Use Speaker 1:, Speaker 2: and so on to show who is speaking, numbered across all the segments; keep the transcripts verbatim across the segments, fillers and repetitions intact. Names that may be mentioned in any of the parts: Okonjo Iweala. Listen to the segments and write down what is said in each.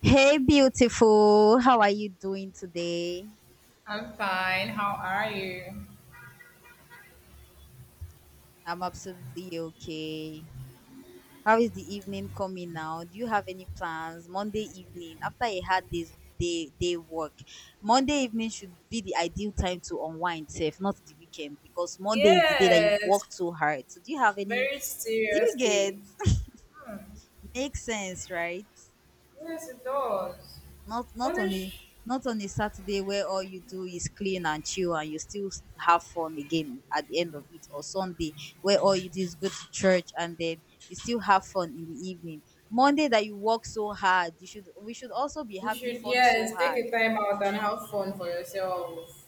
Speaker 1: Hey, beautiful. How are you doing today?
Speaker 2: I'm fine. How are you?
Speaker 1: I'm absolutely okay. How is the evening coming now? Do you have any plans Monday evening after a hard day's day day work? Monday evening should be the ideal time to unwind, safe, not the weekend, because Monday is the day that you work
Speaker 2: Yes,
Speaker 1: too hard. So, do you have any?
Speaker 2: very
Speaker 1: Do you
Speaker 2: serious
Speaker 1: get?
Speaker 2: day.
Speaker 1: Makes sense, right?
Speaker 2: Yes, it does.
Speaker 1: not not on a
Speaker 2: Punish.
Speaker 1: Not on a Saturday where all you do is clean and chill and you still s- have fun again at the end of it, or Sunday where all you do is go to church and then you still have fun in the evening. Monday that you work so hard, you should we should also be
Speaker 2: You
Speaker 1: having
Speaker 2: should,
Speaker 1: fun so
Speaker 2: yes, take
Speaker 1: hard.
Speaker 2: a time out and have fun for yourself.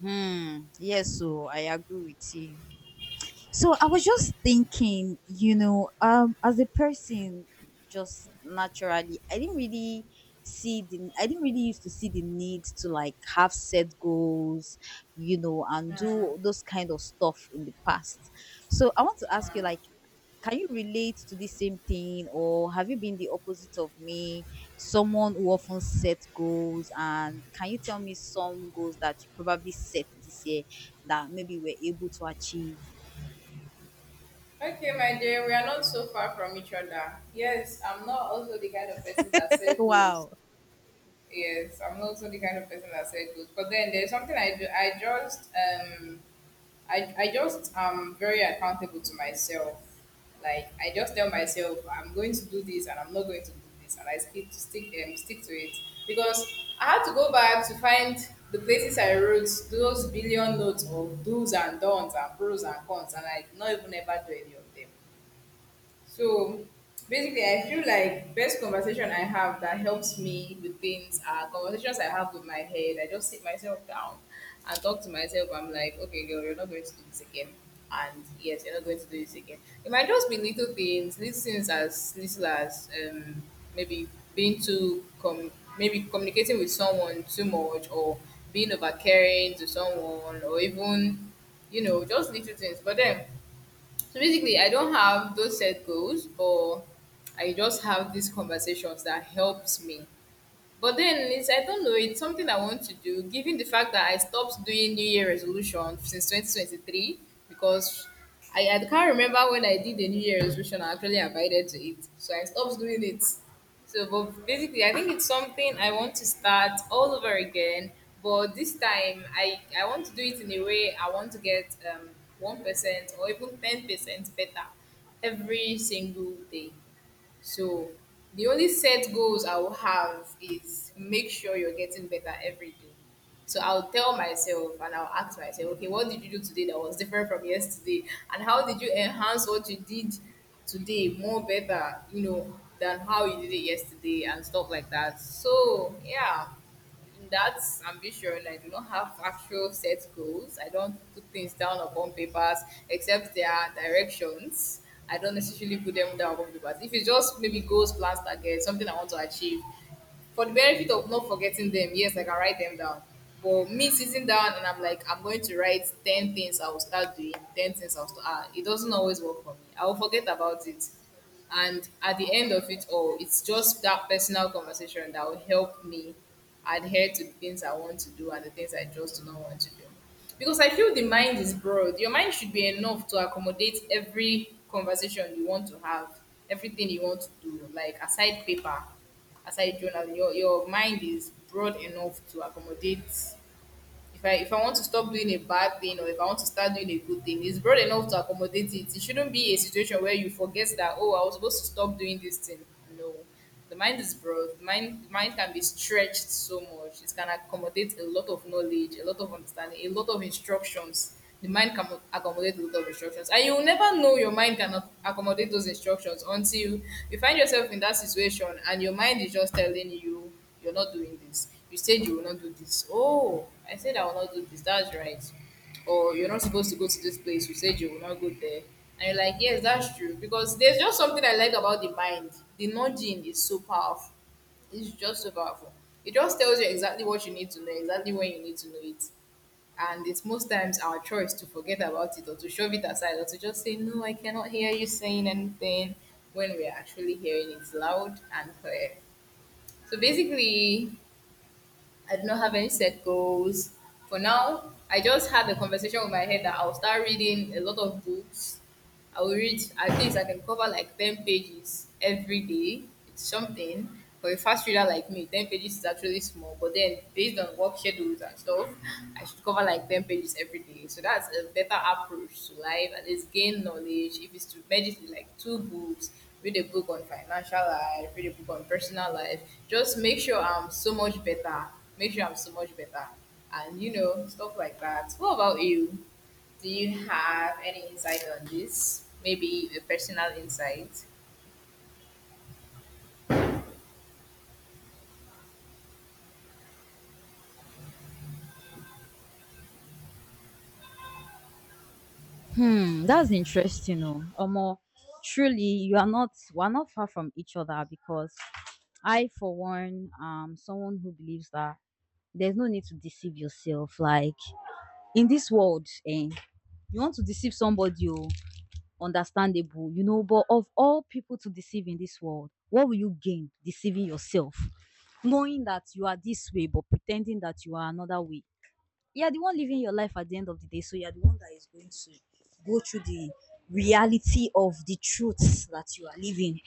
Speaker 1: Hmm. Yes, so I agree with you. So I was just thinking, you know, um, as a person, just naturally, I didn't really see the, I didn't really used to see the need to like have set goals, you know, and
Speaker 2: Mhm.
Speaker 1: do those kind of stuff in the past. So I want to ask you, like, can you relate to the same thing, or have you been the opposite of me, someone who often set goals? And can you tell me some goals that you probably set this year that maybe we're able to achieve?
Speaker 2: Okay, my dear, we are not so far from each other. Yes, I'm not also the kind of person that set goals.
Speaker 1: Wow.
Speaker 2: Yes, I'm not also the kind of person that set goals. But then there's something I do. I just um I, I just am very accountable to myself. Like I just tell myself I'm going to do this and I'm not going to do this, and I stick to stick um, stick to it because I had to go back to find the places I wrote those billion notes of do's and don'ts and pros and cons, and I not even ever do any of them. So basically, I feel like best conversation I have that helps me with things are conversations I have with my head. I just sit myself down and talk to myself. I'm like, okay, girl, you're not going to do this again. And yes, you're not going to do this again. It might just be little things, little things as little as um, maybe being too com- maybe communicating with someone too much or being overcaring to someone or even you know, just little things. But then so basically, I don't have those set goals, but I just have these conversations that helps me. But then it's I don't know, it's something I want to do given the fact that I stopped doing New Year resolution since twenty twenty-three because I, I can't remember when I did the New Year resolution I actually abided to it. So I stopped doing it. So but basically I think it's something I want to start all over again. But this time I, I want to do it in a way I want to get um one percent or even ten percent better every single day. So the only set goals I will have is make sure you're getting better every day. So I'll tell myself and I'll ask myself, okay, what did you do today that was different from yesterday? And how did you enhance what you did today more better, you know, than how you did it yesterday and stuff like that? So yeah. In that ambition. I do not have actual set goals. I don't put things down upon papers except their directions. I don't necessarily put them down upon papers. If it's just maybe goals, plans, targets, something I want to achieve, for the benefit of not forgetting them, yes, I can write them down. But me sitting down and I'm like, I'm going to write ten things I will start doing, ten things I'll start. Ah, it doesn't always work for me. I will forget about it. And at the end of it all, it's just that personal conversation that will help me adhere to the things I want to do and the things I just do not want to do. Because I feel the mind is broad. Your mind should be enough to accommodate every conversation you want to have, everything you want to do, like aside paper, aside journal. Your, your mind is broad enough to accommodate if I if I want to stop doing a bad thing or if I want to start doing a good thing, it's broad enough to accommodate it. It shouldn't be a situation where you forget that oh I was supposed to stop doing this thing. No. The mind is broad. The mind the mind can be stretched so much. It can accommodate a lot of knowledge, a lot of understanding, a lot of instructions. The mind can accommodate a lot of instructions. And you will never know your mind cannot accommodate those instructions until you find yourself in that situation and your mind is just telling you you're not doing this. You said you will not do this. Oh, I said I will not do this. That's right. Or you're not supposed to go to this place. You said you will not go there. And you're like, yes, that's true. Because there's just something I like about the mind. The nudging is so powerful. It's just so powerful. It just tells you exactly what you need to know, exactly when you need to know it. And it's most times our choice to forget about it or to shove it aside or to just say, no, I cannot hear you saying anything when we're actually hearing it loud and clear. So basically, I do not have any set goals for now. I just had a conversation with my head that I'll start reading a lot of books. I will read at least I can cover like ten pages every day. It's something for a fast reader like me. Ten pages is actually small, but then based on work schedules and stuff, I should cover like ten pages every day. So that's a better approach to life. At least gain knowledge. If it's to meditate, like two books, read a book on financial life, read a book on personal life. Just make sure I'm so much better make sure I'm so much better. And you know, stuff like that. What about you? Do you have any insight on this? Maybe a personal insight?
Speaker 1: Hmm, that's interesting. Oh, Omo, truly, you are not we're not far from each other because I, for one, um, someone who believes that there's no need to deceive yourself. Like in this world, eh, you want to deceive somebody, oh, understandable, you know. But of all people to deceive in this world, what will you gain deceiving yourself, knowing that you are this way but pretending that you are another way? You are the one living your life at the end of the day, so you are the one that is going to go through the reality of the truths that you are living.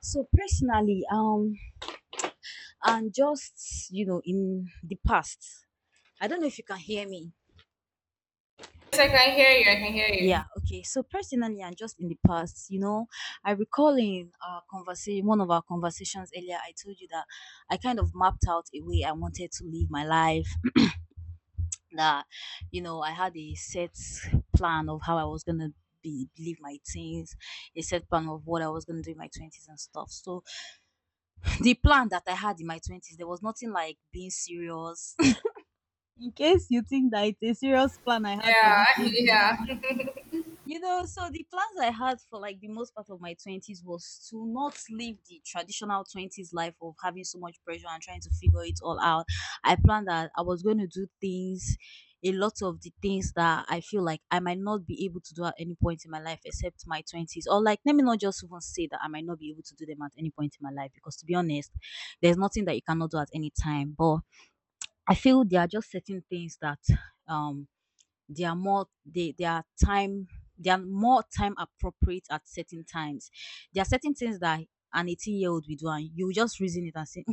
Speaker 1: So personally, um and just, you know, in the past, I don't know if you can hear me.
Speaker 2: Yes, I can hear you. I can hear
Speaker 1: Yeah,
Speaker 2: you.
Speaker 1: okay, so personally and just in the past, you know, I recall in our conversation, one of our conversations earlier, I told you that I kind of mapped out a way I wanted to live my life. That, you know, I had a set plan of how I was gonna be live my teens, a set plan of what I was gonna do in my twenties and stuff. So, the plan that I had in my twenties, there was nothing like being serious. In case you think that it's a serious plan I had for these
Speaker 2: Yeah,
Speaker 1: ages.
Speaker 2: yeah,
Speaker 1: You know, so the plans I had for like the most part of my twenties was to not live the traditional twenties life of having so much pressure and trying to figure it all out. I planned that I was going to do things, a lot of the things that I feel like I might not be able to do at any point in my life except my twenties. Or like, let me not just even say that I might not be able to do them at any point in my life, because to be honest, there's nothing that you cannot do at any time. But I feel there are just certain things that um they are more they they are time they are more time appropriate at certain times. There are certain things that an eighteen year old will do and you just reason it and say,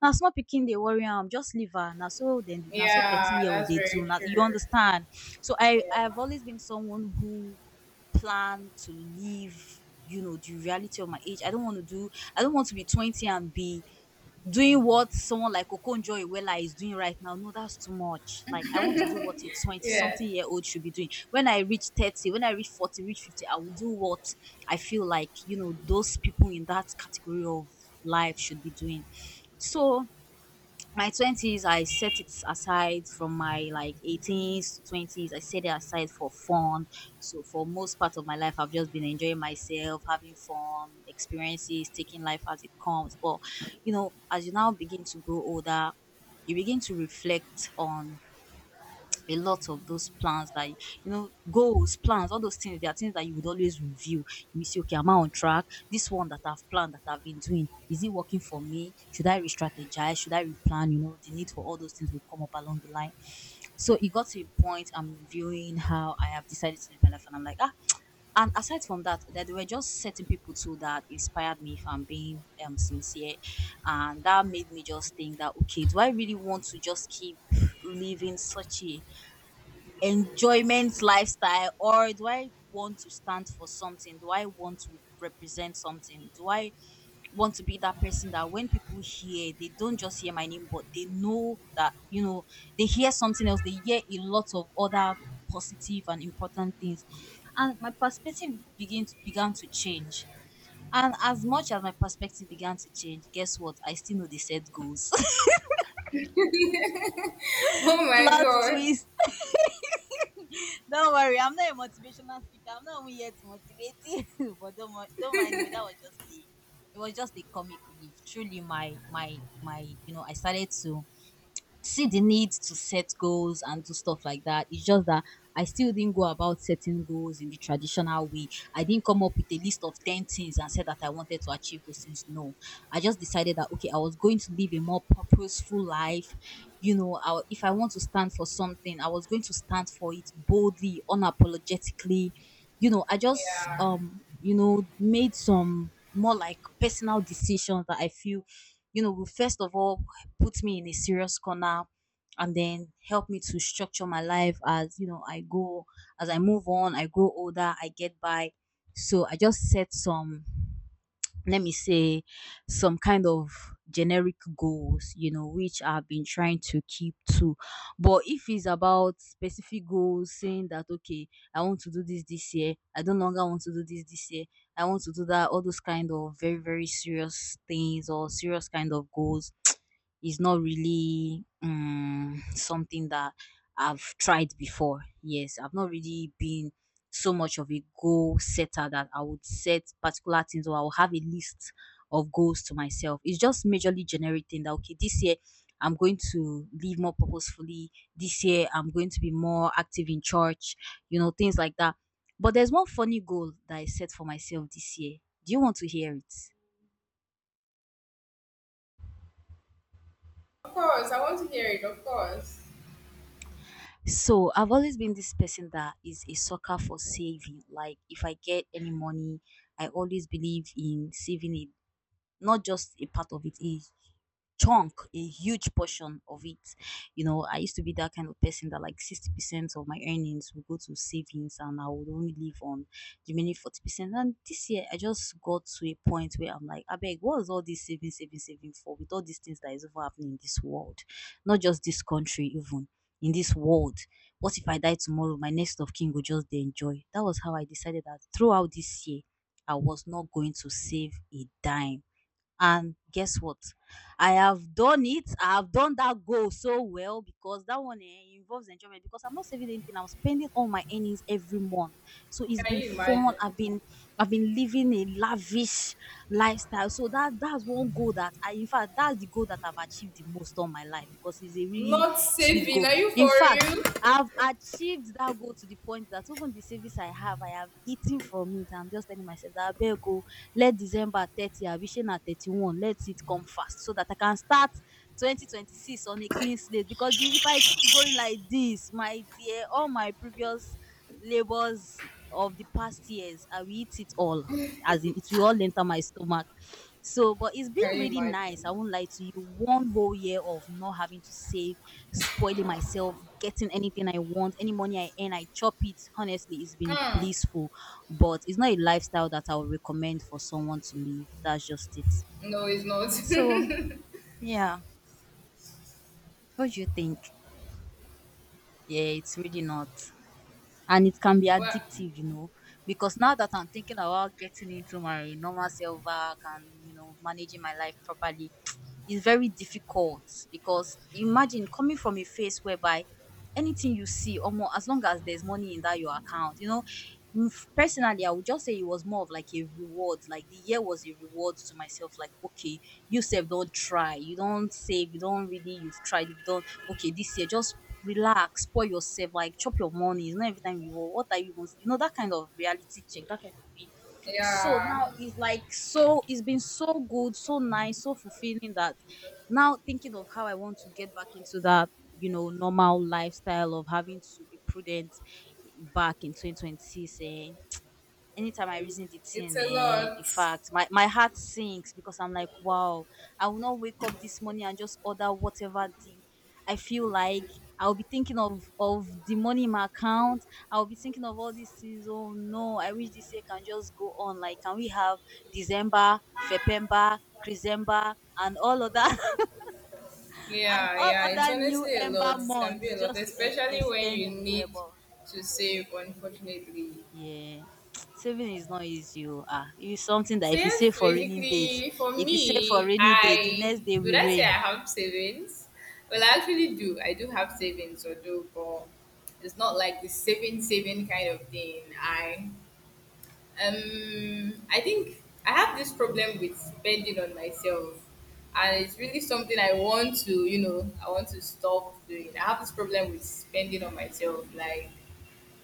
Speaker 1: now small picking they worry, I am just leave her now so then now so 13
Speaker 2: yeah.
Speaker 1: year old
Speaker 2: That's
Speaker 1: they do,
Speaker 2: very
Speaker 1: now
Speaker 2: true.
Speaker 1: you understand? So i
Speaker 2: Yeah,
Speaker 1: i've always been someone who plan to live, you know, the reality of my age. i don't want to do I don't want to be twenty and be doing what someone like Okonjo Iweala is doing right now. No, that's too much. Like I want to do what a twenty
Speaker 2: yeah.
Speaker 1: something year old should be doing. When I reach thirty, when I reach forty, reach fifty, I will do what I feel like, you know, those people in that category of life should be doing. So my twenties, I set it aside. From my like eighteens to twenties, I set it aside for fun. So for most part of my life, I've just been enjoying myself, having fun experiences, taking life as it comes. But you know, as you now begin to grow older, you begin to reflect on a lot of those plans that, you know, goals, plans, all those things. There are things that you would always review. You see, okay, am I on track? This one that I've planned, that I've been doing, is it working for me? Should I re-strategize, should I replan? You know, the need for all those things will come up along the line. So it got to a point I'm reviewing how I have decided to live my life and I'm like, ah. And aside from that, that there were just certain people too that inspired me, if I'm being um sincere. And that made me just think that, okay, do I really want to just keep living such a enjoyment lifestyle, or do I want to stand for something? Do I want to represent something? Do I want to be that person that when people hear, they don't just hear my name, but they know that, you know, they hear something else, they hear a lot of other positive and important things. And my perspective begin to, began to change. And as much as my perspective began to change, guess what? I still know they set goals.
Speaker 2: Oh my
Speaker 1: Plot
Speaker 2: god.
Speaker 1: twist. Don't worry, I'm not a motivational speaker. I'm not only here to motivate you, but don't mo- don't mind me. That was just a, it was just a comic relief. Truly, my my my you know, I started to see the need to set goals and do stuff like that. It's just that I still didn't go about setting goals in the traditional way. I didn't come up with a list of ten things and said that I wanted to achieve those things. No, I just decided that, okay, I was going to live a more purposeful life. You know, I, if I want to stand for something, I was going to stand for it boldly, unapologetically. You know, I, just,
Speaker 2: Yeah.
Speaker 1: um, you know, made some more like personal decisions that I feel, you know, will first of all put me in a serious corner and then help me to structure my life as, you know, I go as I move on, I grow older, I get by. So I just set some, let me say, some kind of generic goals, you know, which I've been trying to keep to. But if it's about specific goals, saying that okay, I want to do this this year, I no longer want to do this this year, I want to do that, all those kind of very very serious things or serious kind of goals is not really um, something that I've tried before. Yes, I've not really been so much of a goal setter that I would set particular things or I will have a list of goals to myself. It's just majorly generating that okay, this year I'm going to live more purposefully. This year I'm going to be more active in church, you know, things like that. But there's one funny goal that I set for myself this year. Do you want to hear it?
Speaker 2: Of course, I want to hear it. Of course.
Speaker 1: So I've always been this person that is a sucker for saving. Like if I get any money, I always believe in saving it, not just a part of it, a chunk, a huge portion of it. You know, I used to be that kind of person that like sixty percent of my earnings would go to savings and I would only live on the remaining forty percent. And this year, I just got to a point where I'm like, I beg, what is all this saving, saving, saving for with all these things that is over happening in this world? Not just this country, even in this world. What if I die tomorrow? My next of kin will just dey enjoy. That was how I decided that throughout this year, I was not going to save a dime. And guess what? I have done it. I have done that goal so well because that one eh, involves enjoyment because I'm not saving anything. I'm spending all my earnings every month. So it's
Speaker 2: Can
Speaker 1: been
Speaker 2: you
Speaker 1: fun.
Speaker 2: imagine?
Speaker 1: I've been I've been living a lavish lifestyle. So that that's one goal that I in fact, that's the goal that I've achieved the most on my life because it's a really
Speaker 2: Not
Speaker 1: sweet
Speaker 2: saving.
Speaker 1: goal.
Speaker 2: Are you
Speaker 1: In
Speaker 2: for
Speaker 1: fact,
Speaker 2: real?
Speaker 1: I've achieved that goal to the point that even the savings I have, I have eaten from it. I'm just telling myself that I better go let December thirtieth, abi shey na thirty-one, let it come fast so that I can start twenty twenty-six on a clean slate because if I keep going like this, my dear, all my previous labors of the past years, I will eat it all. As in, it will all enter my stomach. So, but it's been
Speaker 2: Can you
Speaker 1: really nice. I
Speaker 2: imagine?
Speaker 1: won't lie to you. One whole year of not having to save, spoiling myself, getting anything I want, any money I earn, I chop it. Honestly, it's been
Speaker 2: Hmm.
Speaker 1: blissful, but it's not a lifestyle that I would recommend for someone to live. That's just it.
Speaker 2: No, it's not.
Speaker 1: So, yeah, what do you think? Yeah, it's really not. And it can be
Speaker 2: well,
Speaker 1: addictive, you know, because now that I'm thinking about getting into my normal self work and, you know, managing my life properly, is very difficult because imagine coming from a phase whereby anything you see or more, as long as there's money in that your account, you know. Mm, f- personally, I would just say it was more of like a reward. Like the year was a reward to myself. Like, okay, you save, don't try, you don't save, you don't really, you've tried, you've done. Okay, this year just relax, spoil yourself, like chop your money. It's not every time you oh, what are you even, you know, that kind of reality check, that kind of thing. So
Speaker 2: yeah,
Speaker 1: now it's like, so it's been so good, so nice, so fulfilling that now thinking of how I want to get back into that, you know, normal lifestyle of having to be prudent back in twenty twenty-six, eh, anytime I reason the
Speaker 2: it's
Speaker 1: thing,
Speaker 2: a
Speaker 1: eh, in
Speaker 2: lot.
Speaker 1: fact, my, my heart sinks because I'm like, wow, I will not wake up this morning and just order whatever the I feel like. I'll be thinking of of the money in my account. I'll be thinking of all these things. Oh no, I wish this year can just go on. Like, can we have December, February, December, and all other and
Speaker 2: Yeah,
Speaker 1: all
Speaker 2: yeah, it's
Speaker 1: other new
Speaker 2: honestly a lot.
Speaker 1: ember
Speaker 2: It can be
Speaker 1: months
Speaker 2: a lot,
Speaker 1: just to e-
Speaker 2: especially when
Speaker 1: extend
Speaker 2: you
Speaker 1: the year?
Speaker 2: need
Speaker 1: But
Speaker 2: to save, unfortunately.
Speaker 1: yeah. Saving is not easy, oh. Ah, it's something that
Speaker 2: So,
Speaker 1: if you
Speaker 2: yes,
Speaker 1: save for rainy days,
Speaker 2: basically, for
Speaker 1: if you save for
Speaker 2: me,
Speaker 1: rainy day, the
Speaker 2: I
Speaker 1: next day
Speaker 2: would
Speaker 1: will
Speaker 2: I say I
Speaker 1: rain.
Speaker 2: have savings? Well, I actually do. I do have savings, although, but it's not like the saving, saving kind of thing. I Um, I think I have this problem with spending on myself, and it's really something I want to, you know, I want to stop doing. I have this problem with spending on myself, like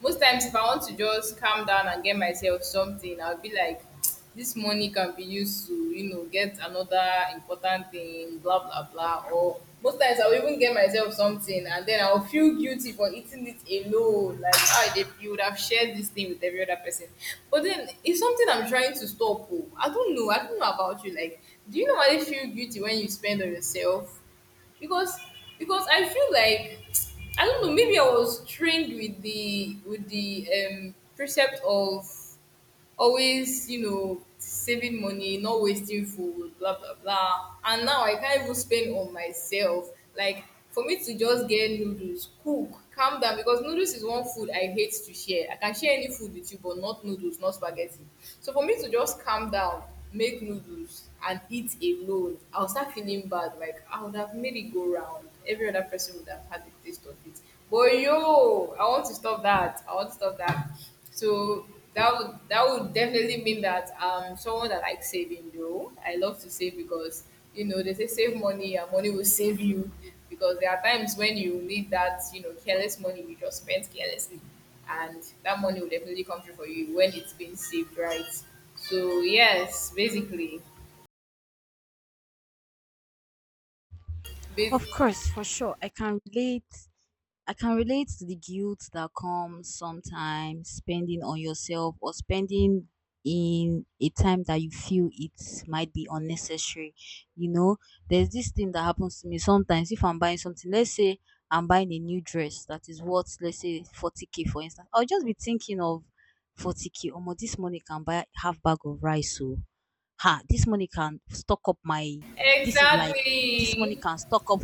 Speaker 2: most times if I want to just calm down and get myself something I'll be like this money can be used to, you know, get another important thing blah blah blah, or most times I'll even get myself something and then I'll feel guilty for eating it alone, like ah they, you would have shared this thing with every other person. But then it's something I'm trying to stop oh. I don't know, I don't know about you, like do you normally feel guilty when you spend on yourself? because because I feel like I don't know, maybe I was trained with the with the um precept of always, you know, saving money, not wasting food, blah blah blah. And now I can't even spend on myself. Like for me to just get noodles, cook, calm down because noodles is one food I hate to share. I can share any food with you, but not noodles, not spaghetti. So for me to just calm down, make noodles and eat alone, I'll start feeling bad. Like I would have made it go round. Every other person would have had the taste of it. But yo, I want to stop that. I want to stop that. So that would that would definitely mean that um someone that likes saving though. I love to save because you know they say save money and money will save you because there are times when you need that, you know, careless money you just spent carelessly and that money will definitely come through for you when it's been saved right. So yes, basically.
Speaker 1: Of
Speaker 2: Bas-
Speaker 1: course, for sure. I can relate I can relate to the guilt that comes sometimes spending on yourself or spending in a time that you feel it might be unnecessary. You know, there's this thing that happens to me sometimes if I'm buying something, let's say I'm buying a new dress that is worth, let's say, forty k for instance. I'll just be thinking of forty k or more, this money can buy half bag of rice, so ha, this money can stock up my, this is like, this money
Speaker 2: exactly.
Speaker 1: can stock up,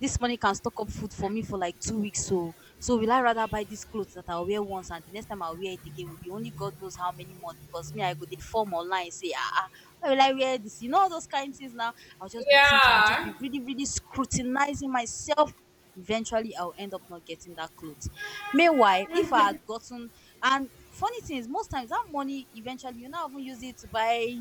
Speaker 1: this money can stock up food for me for like two weeks. So, so will I rather buy these clothes that I'll wear once and the next time I'll wear it again will be only God knows how many months, because me, I go, they form online, say, ah, ah, why will I wear this? You know, all those kind of things now. I'll just be thinking, I'll just
Speaker 2: Yeah.
Speaker 1: be really, really scrutinizing myself. Eventually, I'll end up not getting that clothes. Meanwhile, if I had gotten, and funny thing is, most times that money eventually you now even use it to buy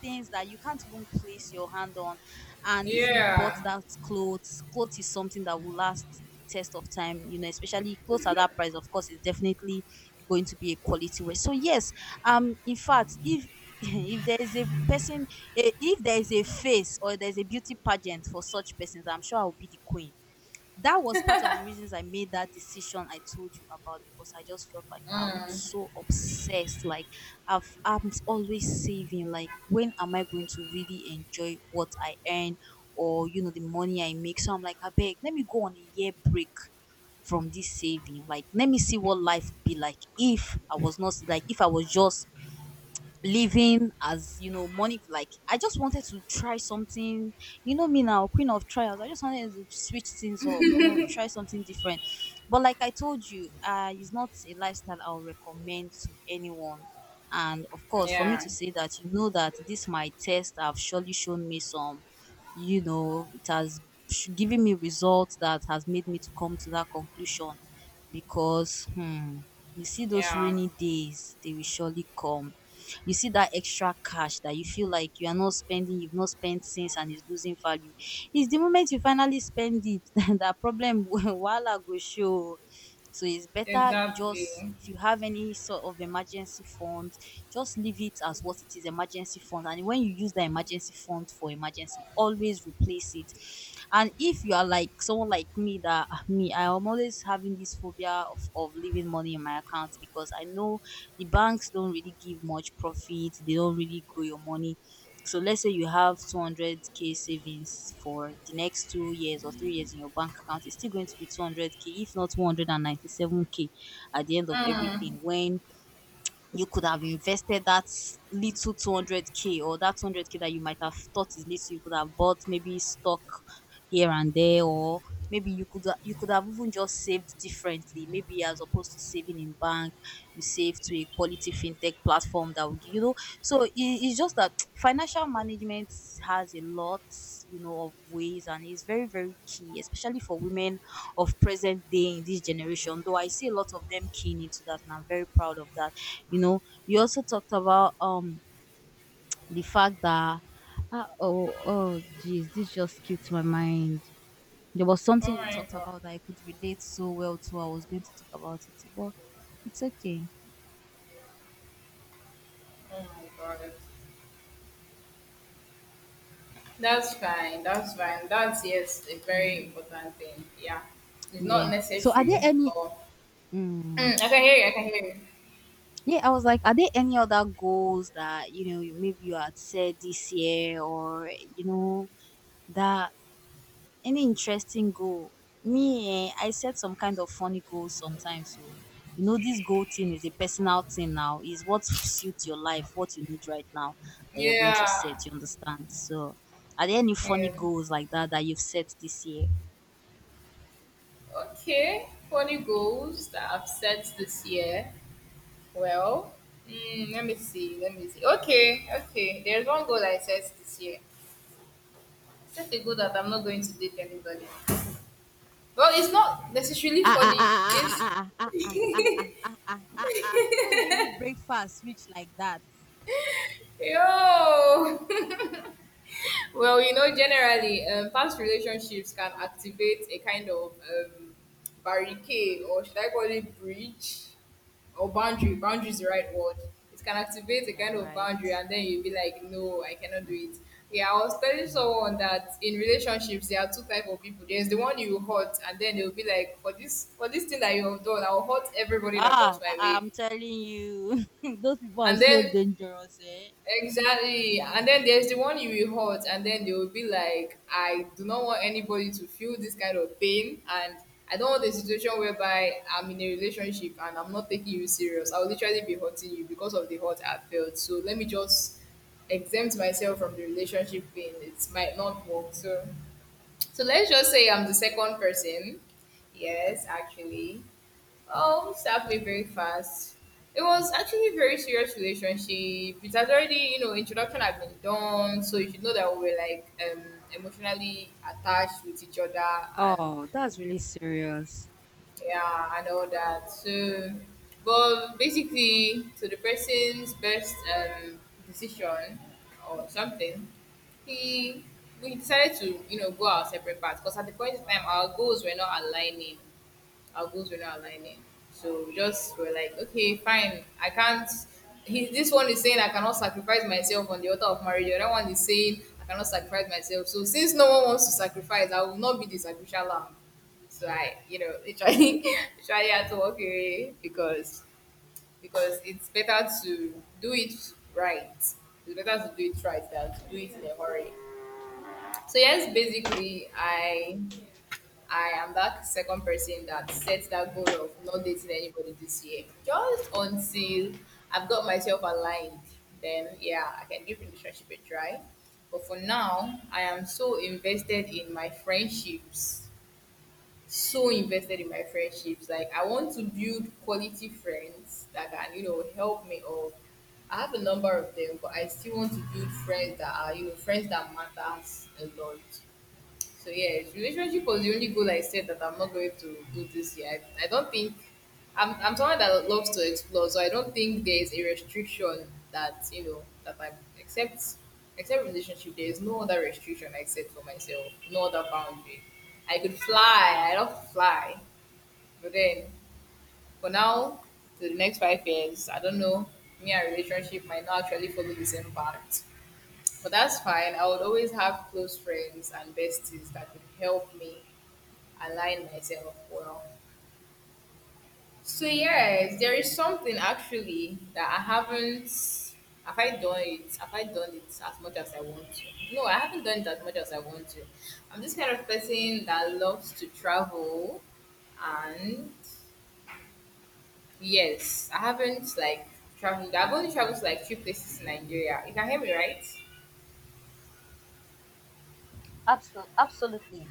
Speaker 1: things that you can't even place your hand on. And if you bought
Speaker 2: Yeah.
Speaker 1: that clothes, clothes is something that will last the test of time, you know, especially clothes at that price, of course, is definitely going to be a quality wear. So yes, um, in fact, if if there is a person, eh, if there is a face or there is a beauty pageant for such persons, I'm sure I will be the queen. That was part of the reasons I made that decision I told you about, because I just felt like I'm so obsessed. Like I've I'm always saving. Like, when am I going to really enjoy what I earn or, you know, the money I make? So I'm like, I beg, let me go on a year break from this saving. Like, let me see what life would be like if I was not like if I was just living as, you know, money. Like, I just wanted to try something, you know, me now queen of trials. I just wanted to switch things up, you know, try something different. But like I told you, uh it's not a lifestyle I'll recommend to anyone. And of course, for me
Speaker 2: Yeah.
Speaker 1: to say that, you know, that this my test have surely shown me some, you know, it has sh- given me results that has made me to come to that conclusion, because hmm, you see those
Speaker 2: Yeah.
Speaker 1: rainy days, they will surely come. You see that extra cash that you feel like you are not spending, you've not spent since, and it's losing value. It's the moment you finally spend it that problem will wahala go show. So it's better you
Speaker 2: Exactly.
Speaker 1: just, if you have any sort of emergency funds, just leave it as what it is, emergency fund. And when you use the emergency fund for emergency, always replace it. And if you are like someone like me that ah, me, I am always having this phobia of, of leaving money in my account, because I know the banks don't really give much profit. They don't really grow your money. So let's say you have two hundred k savings for the next two years or three years in your bank account, it's still going to be two hundred k, if not one hundred ninety-seven k at the end of everything, when you could have invested that little two hundred k, or that two hundred k that you might have thought is little, you could have bought maybe stock here and there, or maybe you could you could have even just saved differently, maybe, as opposed to saving in bank, you save to a quality fintech platform that will give, you know. So i- it's just that financial management has a lot, you know, of ways, and it's very very key, especially for women of present day in this generation, though I see a lot of them keen into that and I'm very proud of that. You know, you also talked about um the fact that uh, oh, oh geez, this just skipped my mind. There was
Speaker 2: Oh
Speaker 1: something you
Speaker 2: my
Speaker 1: talked
Speaker 2: god.
Speaker 1: about that I could relate so well to. I was going to talk about it, but it's okay.
Speaker 2: Oh my god. That's fine. That's fine. That's yes, a very
Speaker 1: Mhm.
Speaker 2: important thing. Yeah. It's
Speaker 1: Yeah.
Speaker 2: not
Speaker 1: So are there
Speaker 2: necessary,
Speaker 1: any
Speaker 2: but
Speaker 1: mm,
Speaker 2: mm, I can hear you, I can hear you.
Speaker 1: yeah, I was like, are there any other goals that, you know, you maybe you had said this year or, you know, that any interesting goal? Me, eh, I set some kind of funny goals sometimes. So, you know, this goal thing is a personal thing now. Is what suits your life, what you need right now that you're going to
Speaker 2: Yeah.
Speaker 1: set. You understand? So, are there any funny
Speaker 2: Yeah.
Speaker 1: goals like that that you've set this year?
Speaker 2: Okay. Funny goals that I've set this year. Well, mm, let me see. Let me see. Okay, okay. There's one goal I set this year. I set a goal that I'm not going to date anybody. Well, it's not necessarily
Speaker 1: Ah ah ah
Speaker 2: funny.
Speaker 1: ah ah
Speaker 2: It's
Speaker 1: ah ah ah ah ah ah ah ah. ah. ah, ah. Who give you breakfast rich like that?
Speaker 2: Yo! Well, you know, generally, um, past relationships can activate a kind of um, barricade, or should I call it breach, or
Speaker 1: Mm,
Speaker 2: boundary. Boundary is the right word. It can activate a
Speaker 1: all
Speaker 2: kind of
Speaker 1: right.
Speaker 2: boundary, and then you'll be like, no, I cannot do it. Yeah, I was telling someone that in relationships there are two type of people. There's the one you hurt, and then they'll be like, for this for this thing that you have done, I'll hurt everybody that
Speaker 1: Ah,
Speaker 2: comes my
Speaker 1: I-
Speaker 2: way.
Speaker 1: I'm telling you, those people are
Speaker 2: And
Speaker 1: so
Speaker 2: then
Speaker 1: dangerous, eh?
Speaker 2: exactly. And then there's the one you will hurt, and then they will be like, I do not want anybody to feel this kind of pain. And I don't want a situation whereby I'm in a relationship and I'm not taking you serious. I'll literally be hurting you because of the hurt I felt. So let me just exempt myself from the relationship pain. It might not work. So, so let's just say I'm the second person. Yes, actually. Um, served me very fast. It was actually a very serious relationship. It had already, you know, introduction had been done, so you should know that we were like um emotionally attached with each other and
Speaker 1: Oh, that's really serious.
Speaker 2: yeah and all that. So, but basically, to the person's best um decision or something, he we decided to, you know, go our separate paths because at the point in time our goals were not aligning, our goals were not aligning. So we just were like, okay, fine. I can't. He, this one is saying I cannot sacrifice myself on the altar of marriage. The other one is saying I cannot sacrifice myself. So since no one wants to sacrifice, I will not be the sacrificial lamb. So I, you know, literally, literally had to walk away because because it's better to do it right. It's better to do it right than to do it in a hurry. So yes, basically, I I am that second person that sets that goal of not dating anybody this year. Just until I've got myself aligned, then yeah, I can give relationship a try. But for now, I am so invested in my friendships. So invested in my friendships. Like I want to build quality friends that can, you know, help me up. I have a number of them, but I still want to build friends that are, you know, friends that matters a lot. So yeah, relationship was the only goal I said that I'm not going to do this year. I, I don't think I'm I'm someone that loves to explore, so I don't think there is a restriction that, you know, that I except except relationship. There is no other restriction I set for myself, no other boundary. I could fly, I love to fly, but then for now to the next five years, I don't know. Me and relationship might not actually follow the same path. But that's fine. I would always have close friends and besties that could help me align myself well. So yes, there is something actually that I haven't, have I done it have I done it as much as I want to. No, I haven't done it as much as I want to. I'm this kind of person that loves to travel, and yes, I haven't like traveled I've only traveled to like few places in Nigeria. You can hear me right?
Speaker 1: Absol- absolutely.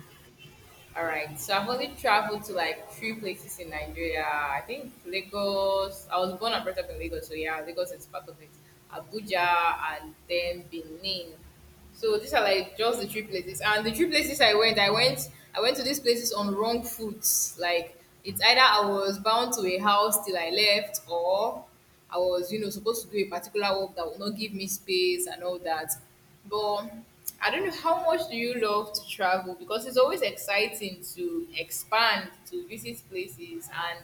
Speaker 2: All right. So I've only traveled to like three places in Nigeria. I think Lagos. I was born and brought up in Lagos, so yeah, Lagos is part of it. Abuja and then Benin. So these are like just the three places. And the three places I went, I went I went to these places on wrong foot. Like it's either I was bound to a house till I left or I was, you know, supposed to do a particular work that would not give me space and all that. But I don't know, how much do you love to travel? Because it's always exciting to expand, to visit places, and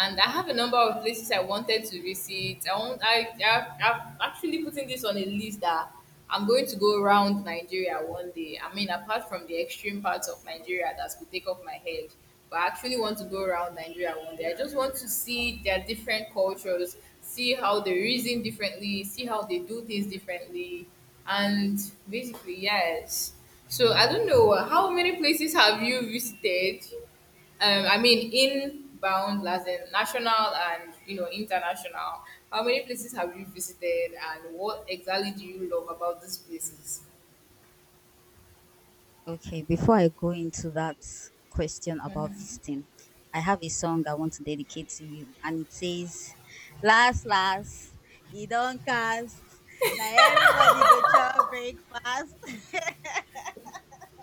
Speaker 2: and I have a number of places I wanted to visit. I want I i i am actually putting this on a list that I'm going to go around Nigeria one day. I mean, apart from the extreme parts of Nigeria that will take off my head, but I actually want to go around Nigeria one day. I just want to see their different cultures, see how they reason differently, see how they do things differently, and basically, yes. So I don't know, how many places have you visited? um, I mean, inbound, as in national and, you know, international. How many places have you visited, and what exactly do you love about these places?
Speaker 1: Okay, before I go into that question about visiting, I have a song I want to dedicate to you, and it says, "Last, last, you don't cast. Now everybody go chop breakfast."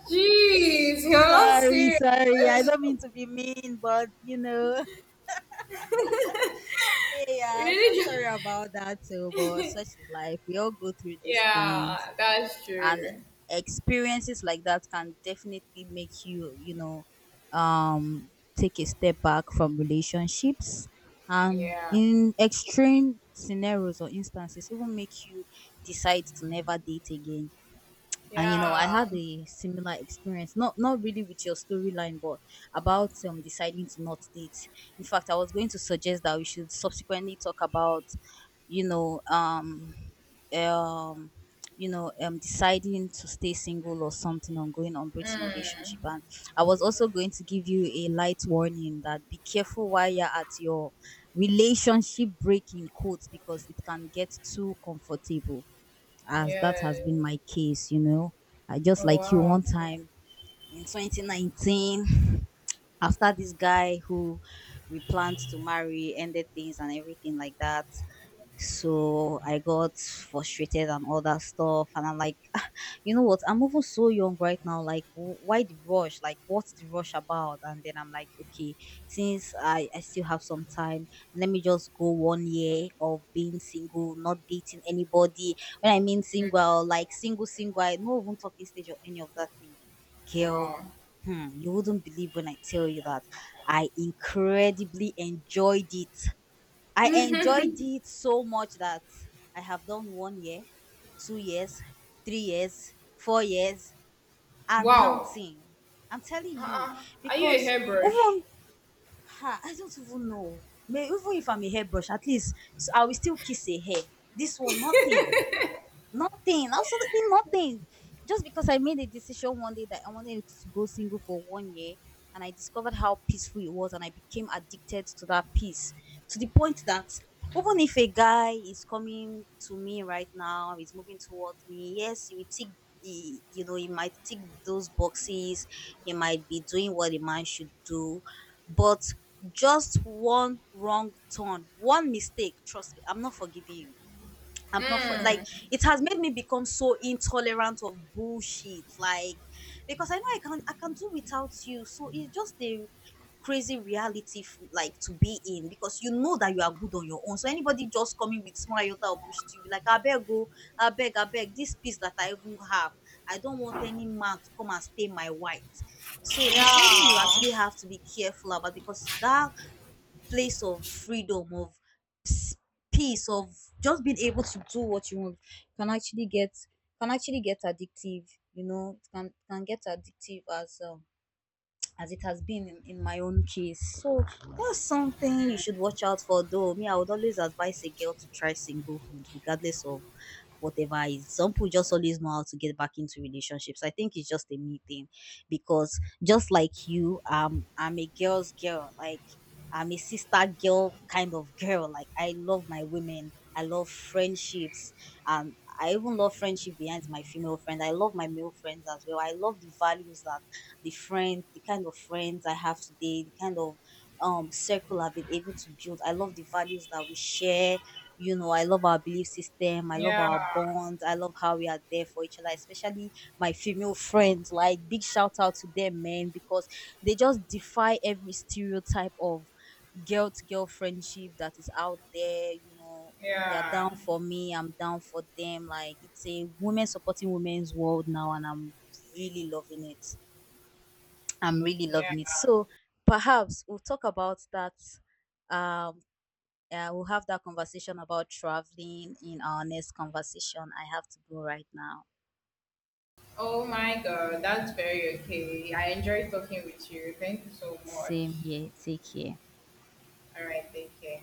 Speaker 2: Jeez, you're not
Speaker 1: Sorry, sorry. I
Speaker 2: serious.
Speaker 1: don't mean to be mean, but you know. Hey,
Speaker 2: You
Speaker 1: yeah, so sorry
Speaker 2: really
Speaker 1: about that too, but
Speaker 2: just
Speaker 1: such is life. We all go through these things,
Speaker 2: Yeah, that's
Speaker 1: and
Speaker 2: true.
Speaker 1: experiences like that can definitely make you, you know, um, take a step back from relationships, and
Speaker 2: Yeah,
Speaker 1: in extreme scenarios or instances, even make you decide to never date again. And you know, I
Speaker 2: yeah,
Speaker 1: had a similar experience, not not really with your storyline, but about um deciding to not date. In fact, I was going to suggest that we should subsequently talk about, you know, um um, you know, um deciding to stay single or something, on going on breaking relationship. And I was also going to give you a light warning that be careful while you're at your relationship breaking quotes, because it can get too comfortable, as that
Speaker 2: yeah.
Speaker 1: has been my case, you know. I just
Speaker 2: Oh
Speaker 1: like you
Speaker 2: wow,
Speaker 1: one time in twenty nineteen, after this guy who we planned to marry ended things and everything like that. So I got frustrated and all that stuff. And I'm like, "Ah, you know what? I'm even so young right now. Like, wh- why the rush? Like, what's the rush about? And then I'm like, okay, since I, I still have some time, let me just go one year of being single, not dating anybody. When I mean single, like single, single, I no even talking stage or any of that thing. Girl,
Speaker 2: wow,
Speaker 1: hmm, you wouldn't believe when I tell you that I incredibly enjoyed it. I enjoyed it so much that I have done one year, two years, three years, four years, and
Speaker 2: wow.
Speaker 1: counting. I'm telling you,
Speaker 2: Uh-uh. Are you a
Speaker 1: because
Speaker 2: hairbrush?
Speaker 1: even ha, I don't even know. May even if I'm a hairbrush, at least s- I will still kiss a hair. This one, nothing. Nothing, absolutely nothing. Just because I made a decision one day that I wanted to go single for one year, and I discovered how peaceful it was, and I became addicted to that peace to the point that even if a guy is coming to me right now, is moving towards me, yes, he will tick the you know, he might tick those boxes, he might be doing what a man should do, but just one wrong turn, one mistake, trust me, I'm not forgiving you. I'm not for like it has made me become so intolerant of bullshit. Like because I know I can I can do without you. So it's just a crazy reality f- like to be in because you know that you are good on your own. So anybody just coming with small iota of bullshit, you'll be like, I beg go, I beg, I beg, this piece that I even have. I don't want any man to come and stain my white. So it's something you
Speaker 2: Yeah,
Speaker 1: actually have to be careful about because that place of freedom of peace of just being able to do what you want can actually get can actually get addictive. You know, it can can get addictive as um as it has been in, in my own case. So that's something you should watch out for though. Me, I would always advise a girl to try single food, regardless of whatever is. Some people just always know how to get back into relationships. I think it's just a me thing because just like you, um I'm a girl's girl. Like I'm a sister girl kind of girl. Like I love my women. I love friendships, and I even love friendship behind my female friend. I love my male friends as well. I love the values that the friends, the kind of friends I have today, the kind of um circle I've been able to build. I love the values that we share. You know, I love our belief system. I love
Speaker 2: yeah.
Speaker 1: our bonds. I love how we are there for each other, especially my female friends. Like, big shout out to them, men, because they just defy every stereotype of girl to girl friendship that is out there. You know, they are
Speaker 2: Yeah,
Speaker 1: down for me. I'm down for them. Like, it's a women supporting women's world now, and I'm really loving it. I'm really
Speaker 2: yeah.
Speaker 1: loving it. So perhaps we'll talk about that. Um, uh, we'll have that conversation about traveling in our next conversation. I have to go right now.
Speaker 2: Oh my God, that's very okay. I enjoyed talking with you. Thank you so much.
Speaker 1: Same here. Take care.
Speaker 2: All right, take care.